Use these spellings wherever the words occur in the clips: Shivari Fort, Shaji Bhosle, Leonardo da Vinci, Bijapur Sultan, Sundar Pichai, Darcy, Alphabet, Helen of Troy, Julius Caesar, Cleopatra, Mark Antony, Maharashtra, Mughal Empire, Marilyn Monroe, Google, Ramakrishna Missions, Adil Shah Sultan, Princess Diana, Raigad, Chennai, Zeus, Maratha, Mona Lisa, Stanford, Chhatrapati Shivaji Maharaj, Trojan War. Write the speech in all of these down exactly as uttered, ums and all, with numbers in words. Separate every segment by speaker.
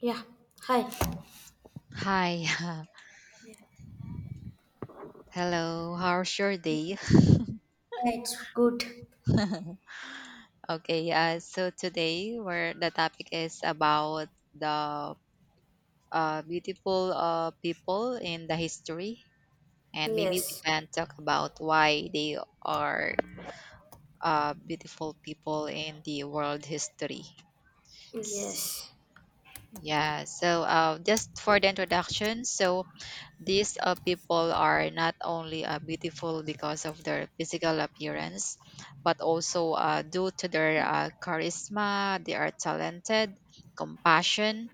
Speaker 1: Yeah. Hi.
Speaker 2: Hi,
Speaker 1: Yeah,
Speaker 2: hello. How's your day?
Speaker 1: yeah, it's good.
Speaker 2: Okay, uh, so today where the topic is about the uh, beautiful uh, people in the history, and maybe we
Speaker 1: Yes.
Speaker 2: can talk about why they are uh, beautiful people in the world history. S-
Speaker 1: Yes.
Speaker 2: Yeah, so uh, just for the introduction, so These uh, people are not only uh, beautiful because of their physical appearance, but also uh, due to their uh, charisma, they are talented, compassion,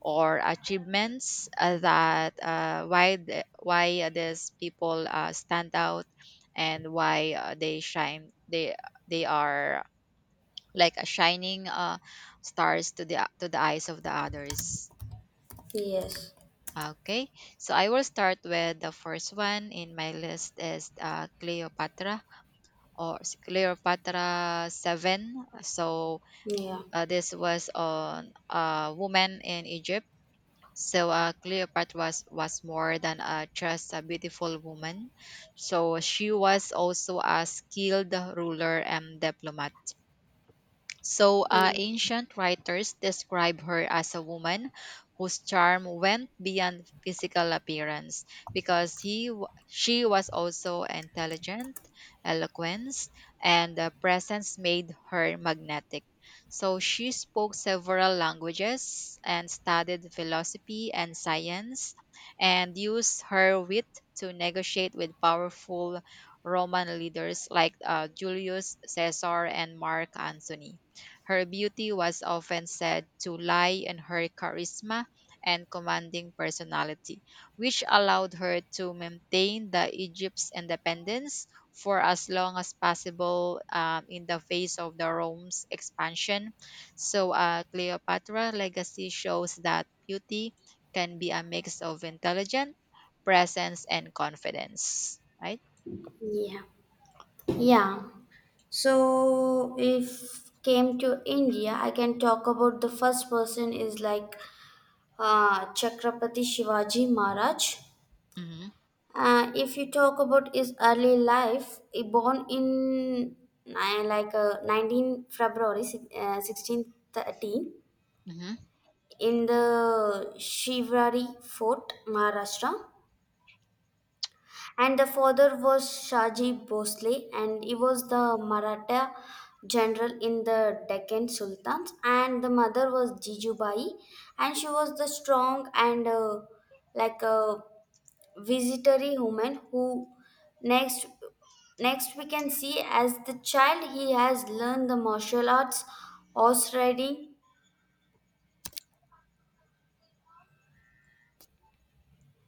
Speaker 2: or achievements uh, that uh, why the, why these people uh, stand out and why uh, they shine. They they are like a shining uh, stars to the to the eyes of the others.
Speaker 1: Yes.
Speaker 2: Okay, so I will start with the first one in my list is uh, Cleopatra or s- Cleopatra seven. So
Speaker 1: Yeah.
Speaker 2: uh, this was on a woman in Egypt. So uh, Cleopatra was, was more than uh, just a beautiful woman. So she was also a skilled ruler and diplomat. So, uh,
Speaker 1: Ye-
Speaker 2: ancient writers describe her as a woman whose charm went beyond physical appearance because he, w- she was also intelligent, eloquence, and the presence made her magnetic. So, she spoke several languages and studied philosophy and science and used her wit to negotiate with powerful Roman leaders like uh, Julius Caesar and Mark Antony. Her beauty was often said to lie in her charisma and commanding personality, which allowed her to maintain the Egypt's independence for as long as possible um, in the face of the Rome's expansion. So, uh, Cleopatra legacy shows that beauty can be a mix of intelligence, presence, and confidence. Right?
Speaker 1: Yeah. Yeah. So if came to India, I can talk about the first person is like uh, Chhatrapati Shivaji Maharaj.
Speaker 2: Mm-hmm.
Speaker 1: Uh, if you talk about his early life, he born in uh, like uh, nineteenth February six- uh, sixteen thirteen
Speaker 2: Mm-hmm.
Speaker 1: in the Shivari Fort, Maharashtra, and the father was Shaji Bhosle, and he was the Maratha general in the Deccan Sultans, and the mother was Jijubai, and she was the strong and uh, like a visitary woman who next next we can see as the child he has learned the martial arts, horse riding,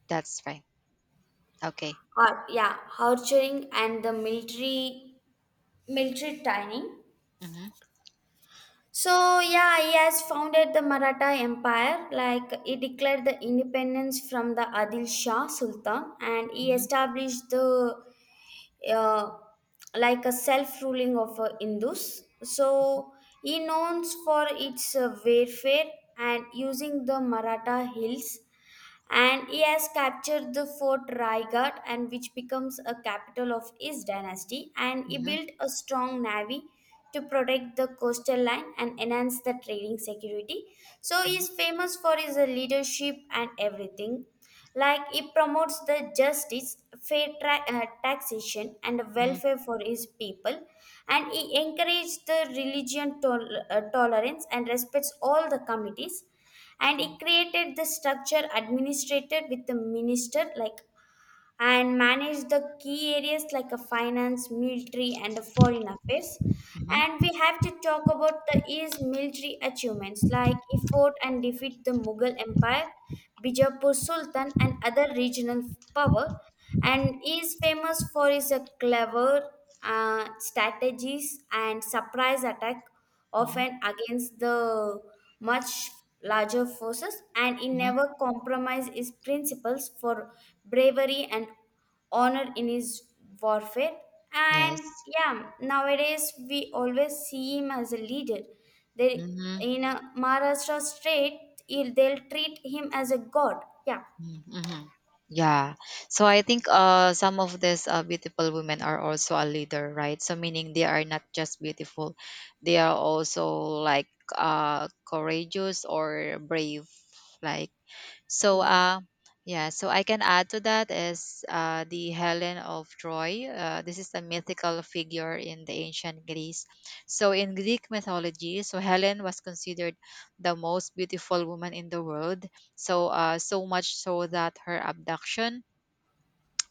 Speaker 2: That's right. Okay.
Speaker 1: or yeah, archery, and the military military training.
Speaker 2: Mm-hmm.
Speaker 1: So yeah, he has founded the Maratha Empire. Like he declared the independence from the Adil Shah Sultan, and he
Speaker 2: Mm-hmm.
Speaker 1: established the uh, like a self-ruling of uh, Hindus. So he known for its uh, warfare, and using the Maratha hills, and he has captured the fort Raigad, and which becomes a capital of his dynasty, and he
Speaker 2: Mm-hmm.
Speaker 1: built a strong navy to protect the coastal line and enhance the trading security. So
Speaker 2: Mm-hmm.
Speaker 1: he's famous for his leadership and everything, like it promotes the justice, fair tra- uh, taxation, and
Speaker 2: Mm-hmm.
Speaker 1: welfare for his people, and it encourages the religion tol- uh, tolerance and respects all the committees, and it created the structure administrated with the minister like, and manage the key areas like a finance, military, and a foreign affairs.
Speaker 2: Mhm.
Speaker 1: And we have to talk about the his military achievements, like he fought and defeat the Mughal Empire, Bijapur Sultan, and other regional power. And he is famous for his uh, clever uh, strategies and surprise attack,
Speaker 2: Mhm.
Speaker 1: often against the much larger forces, and he
Speaker 2: Mhm.
Speaker 1: never compromised his principles for bravery and honor in his warfare. And
Speaker 2: Yes.
Speaker 1: yeah, nowadays we always see him as a leader. They
Speaker 2: Mhm.
Speaker 1: in a Maharashtra state, he'll- they'll treat him as a god. Yeah,
Speaker 2: Mm. Mhm. Yeah. So I think uh some of these uh, beautiful women are also a leader, right? So meaning they are not just beautiful, they are also like uh courageous or brave, like. So,
Speaker 1: yes.
Speaker 2: uh, yeah, so I can add to that is uh, the Helen of Troy. Uh, this is a mythical figure in the ancient Greece. So, in Greek mythology, so Helen was considered the most beautiful woman in the world. So, uh, so much so that her abduction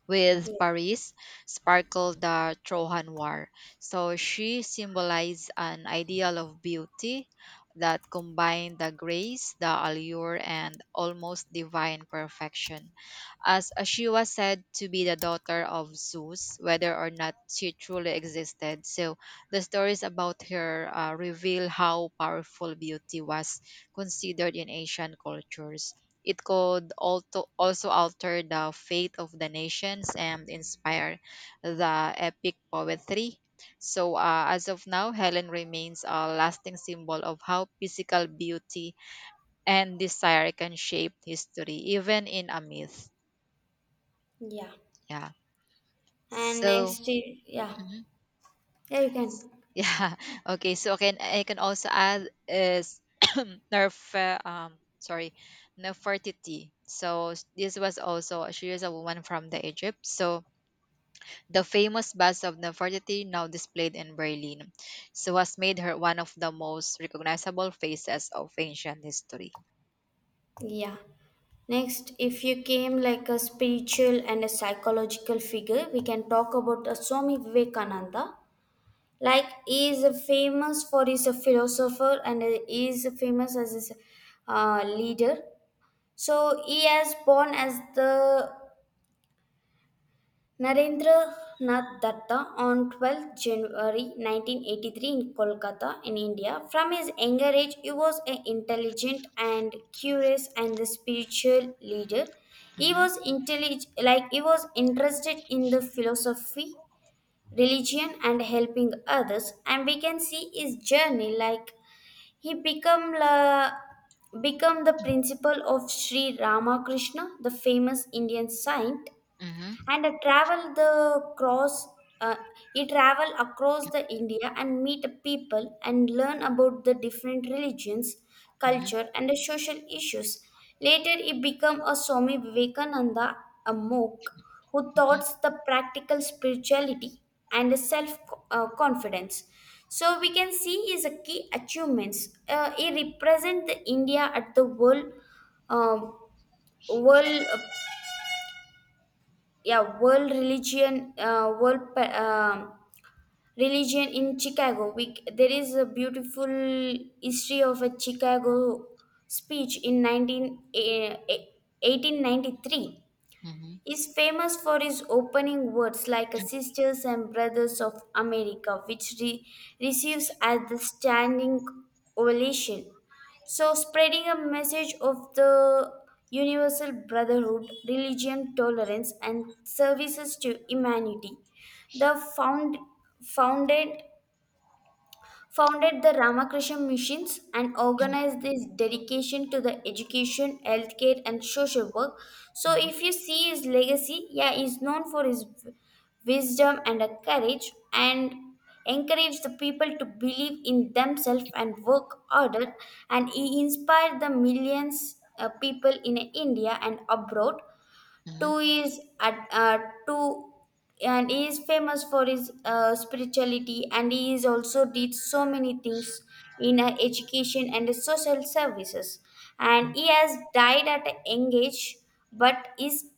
Speaker 2: with
Speaker 1: Yes.
Speaker 2: Paris sparkled the Trojan War. So she symbolized an ideal of beauty that combined the grace, the allure, and almost divine perfection as she was said to be the daughter of Zeus, whether or not she truly existed. So the stories about her uh, reveal how powerful beauty was considered in ancient cultures. It could also, also alter the fate of the nations and inspire the epic poetry. So, uh, as of now, Helen remains a lasting symbol of how physical beauty and desire can shape history, even in a myth.
Speaker 1: Yeah.
Speaker 2: Yeah.
Speaker 1: And
Speaker 2: So
Speaker 1: next, i- yeah,
Speaker 2: mhm.
Speaker 1: yeah, you can.
Speaker 2: Yeah. Okay. So can I can also add is nerve uh, um sorry Nefertiti. So s- this was also she is a woman from the Egypt. So the famous bust of Nefertiti, now displayed in Berlin, so has made her one of the most recognizable faces of ancient history.
Speaker 1: Yeah. Next, if you came like a spiritual and a psychological figure, we can talk about uh, Swami Vivekananda. Like he is famous for his uh, philosopher, and uh, he is famous as his uh, leader. So he has born as the Narendra Nath Datta on twelfth January nineteen eighty-three in Kolkata, in India. From his younger age, he was an intelligent and curious and the spiritual leader. He
Speaker 2: Mhm.
Speaker 1: was intellig- like he was interested in the philosophy, religion, and helping others. And we can see his journey like he became la become the principal of Sri Ramakrishna, the famous Indian saint,
Speaker 2: Mhm.
Speaker 1: and I travel the cross. Uh, he travel across the India and meet people and learn about the different religions,
Speaker 2: Mhm.
Speaker 1: culture, and the social issues. Later, he became a Swami Vivekananda, a monk who
Speaker 2: Mhm.
Speaker 1: taught the practical spirituality and self uh, confidence. So we can see his key achievements. Uh, he represent the India at the world um, world yeah world religion uh, world pa- um religion in Chicago. We, c- there is a beautiful history of a Chicago speech in nineteen eh, eh, eighteen ninety-three.
Speaker 2: Mhm.
Speaker 1: Is famous for his opening words like Sisters and Brothers of America, which re- receives at the standing ovation. So, spreading a message of the universal brotherhood, religion, tolerance, and services to humanity. The found, founded founded the Ramakrishna Missions and organized this dedication to the education, healthcare, and social work. So, if you see his legacy, yeah, he's known for his w- wisdom and a courage, and encouraged the people to believe in themselves and work harder, and he inspired the millions of people in India and abroad.
Speaker 2: Mhm.
Speaker 1: Two is at, uh, two, and he is famous for his uh, spirituality, and he is also did so many things in uh, education and social services, and
Speaker 2: Mhm.
Speaker 1: he has died at a young age, but is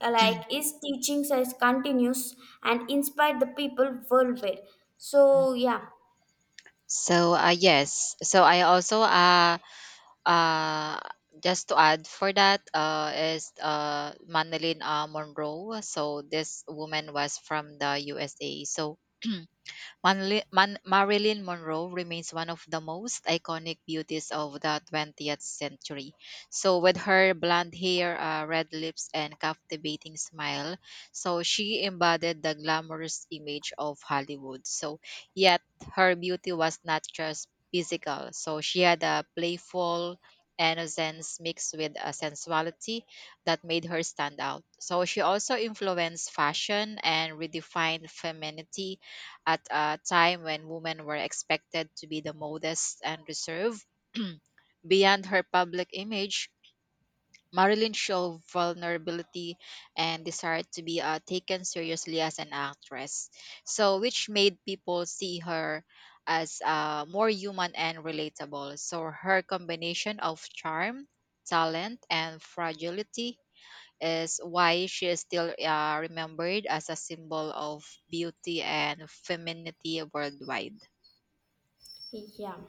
Speaker 1: uh, like his teachings is continuous and inspired the people worldwide. So yeah,
Speaker 2: So uh, yes. So I also uh Uh, just to add for that uh, is uh, Madeline uh, Monroe. So this woman was from the U S A. So Manli- Man- Marilyn Monroe remains one of the most iconic beauties of the twentieth century. So, with her blonde hair, uh, red lips, and captivating smile, so she embodied the glamorous image of Hollywood. So, yet her beauty was not just physical. So, she had a playful innocence mixed with a sensuality that made her stand out. So, she also influenced fashion and redefined femininity at a time when women were expected to be the modest and reserved. Beyond her public image, Marilyn showed vulnerability and desired to be uh, taken seriously as an actress, so which made people see her as uh, more human and relatable. So her combination of charm, talent, and fragility is why she is still uh, remembered as a symbol of beauty and femininity worldwide.
Speaker 1: yeah.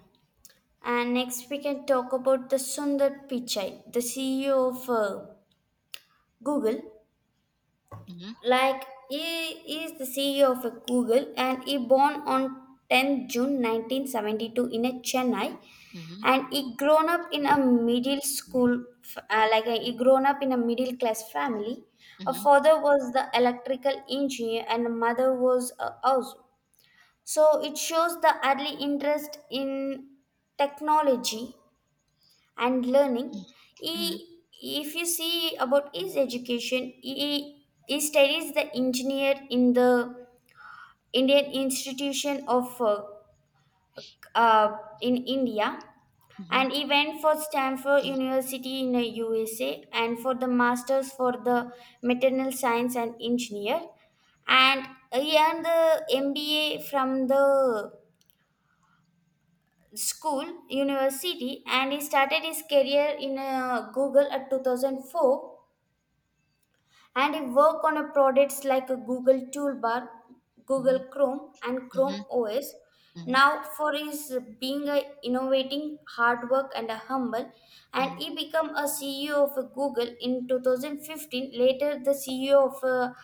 Speaker 1: And next we can talk about the Sundar Pichai, the C E O of uh, Google.
Speaker 2: Mm-hmm.
Speaker 1: Like he is the C E O of a Google, and he born on tenth June nineteen seventy-two in a Chennai,
Speaker 2: Mm-hmm.
Speaker 1: and he grown up in a middle school f- uh, like uh, he grown up in a middle class family. A
Speaker 2: Mm-hmm.
Speaker 1: father was the electrical engineer, and a mother was a house. So it shows the early interest in technology and learning. He
Speaker 2: Mm-hmm.
Speaker 1: If you see about his education, he, he studies the engineer in the Indian institution of uh, uh, in India,
Speaker 2: Mm-hmm.
Speaker 1: and he went for Stanford University in the USA, and for the masters for the maternal science and engineer, and he earned the M B A from the school university, and he started his career in uh, Google at two thousand four, and I work on a products like a Google Toolbar,
Speaker 2: Mm-hmm.
Speaker 1: Google Chrome, and Chrome
Speaker 2: Mm-hmm.
Speaker 1: O S.
Speaker 2: Mm-hmm.
Speaker 1: Now, for his being a innovating, hard work, and a humble,
Speaker 2: Mm-hmm.
Speaker 1: and
Speaker 2: Mm-hmm. Mm-hmm.
Speaker 1: he became a C E O of Google in two thousand fifteen. Later, the C E O of a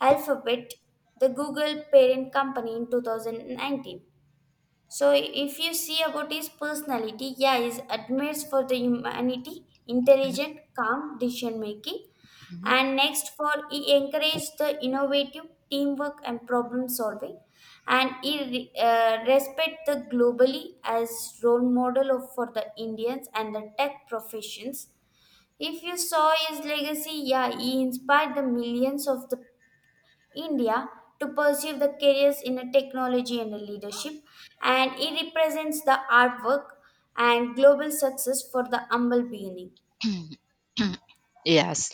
Speaker 1: Alphabet, the Google parent company, in two thousand nineteen. So if you see about his personality, yeah, he admires for the humanity, intelligent, calm decision making, and next for he encouraged the innovative teamwork and problem solving, and he uh, respect the globally as role model of, for the Indians and the tech professions. If you saw his legacy, yeah, he inspired the millions of the India to pursue the careers in a technology and a leadership, and it represents the artwork and global success for the humble beginning.
Speaker 2: Yes.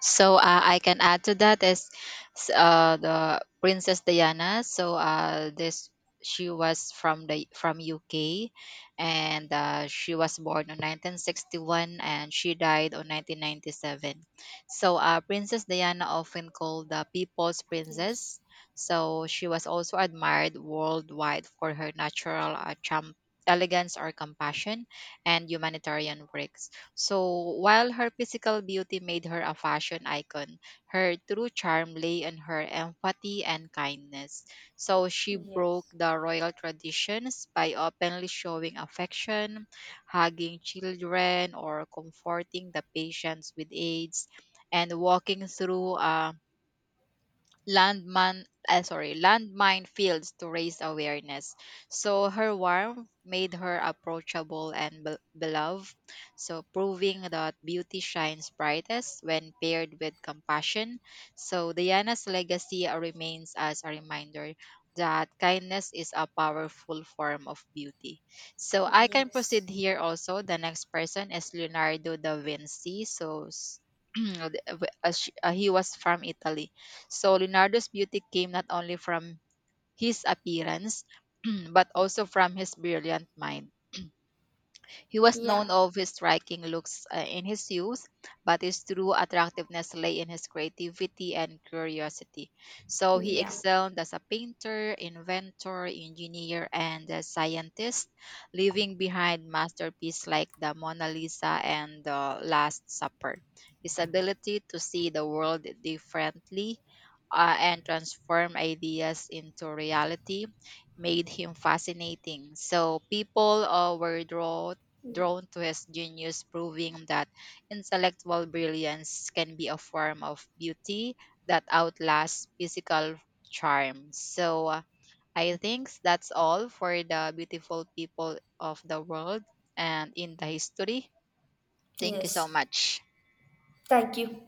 Speaker 2: So uh, I can add to that is s- uh, the Princess Diana. So uh, this she was from the from U K, and uh, she was born on nineteen sixty-one and she died on nineteen ninety-seven. So uh, Princess Diana, often called the People's
Speaker 1: Yes.
Speaker 2: Princess, so she was also admired worldwide for her natural uh, charm, elegance or compassion and humanitarian work. So, while her physical beauty made her a fashion icon, her true charm lay in her empathy and kindness. So, she broke
Speaker 1: Yes.
Speaker 2: the royal traditions by openly showing affection, hugging children, or comforting the patients with AIDS, and walking through um, landman uh, sorry landmine fields to raise awareness. So her warmth made her approachable and be- beloved, so proving that beauty shines brightest when paired with compassion. So Diana's legacy uh, remains as a reminder that kindness is a powerful form of beauty. So I can proceed
Speaker 1: Yes.
Speaker 2: here also. The next person is Leonardo da Vinci. So s- uh, th- uh, sh- uh, he was from Italy. So Leonardo's beauty came not only from his appearance, but also from his brilliant mind. He was
Speaker 1: Yeah,
Speaker 2: known of his striking looks uh, in his youth, but his true attractiveness lay in his creativity and curiosity. So he
Speaker 1: yeah.
Speaker 2: excelled as a painter, inventor, engineer, and a scientist, leaving behind masterpieces like the Mona Lisa and the Last Supper. His ability to see the world differently uh, and transform ideas into reality made him fascinating. So people uh, were drawn
Speaker 1: Yeah.
Speaker 2: drawn to his genius, proving that intellectual brilliance can be a form of beauty that outlasts physical charm. So uh, I think that's all for the beautiful people of the world and in the history. Thank you so
Speaker 1: Yes.
Speaker 2: much.
Speaker 1: Thank you.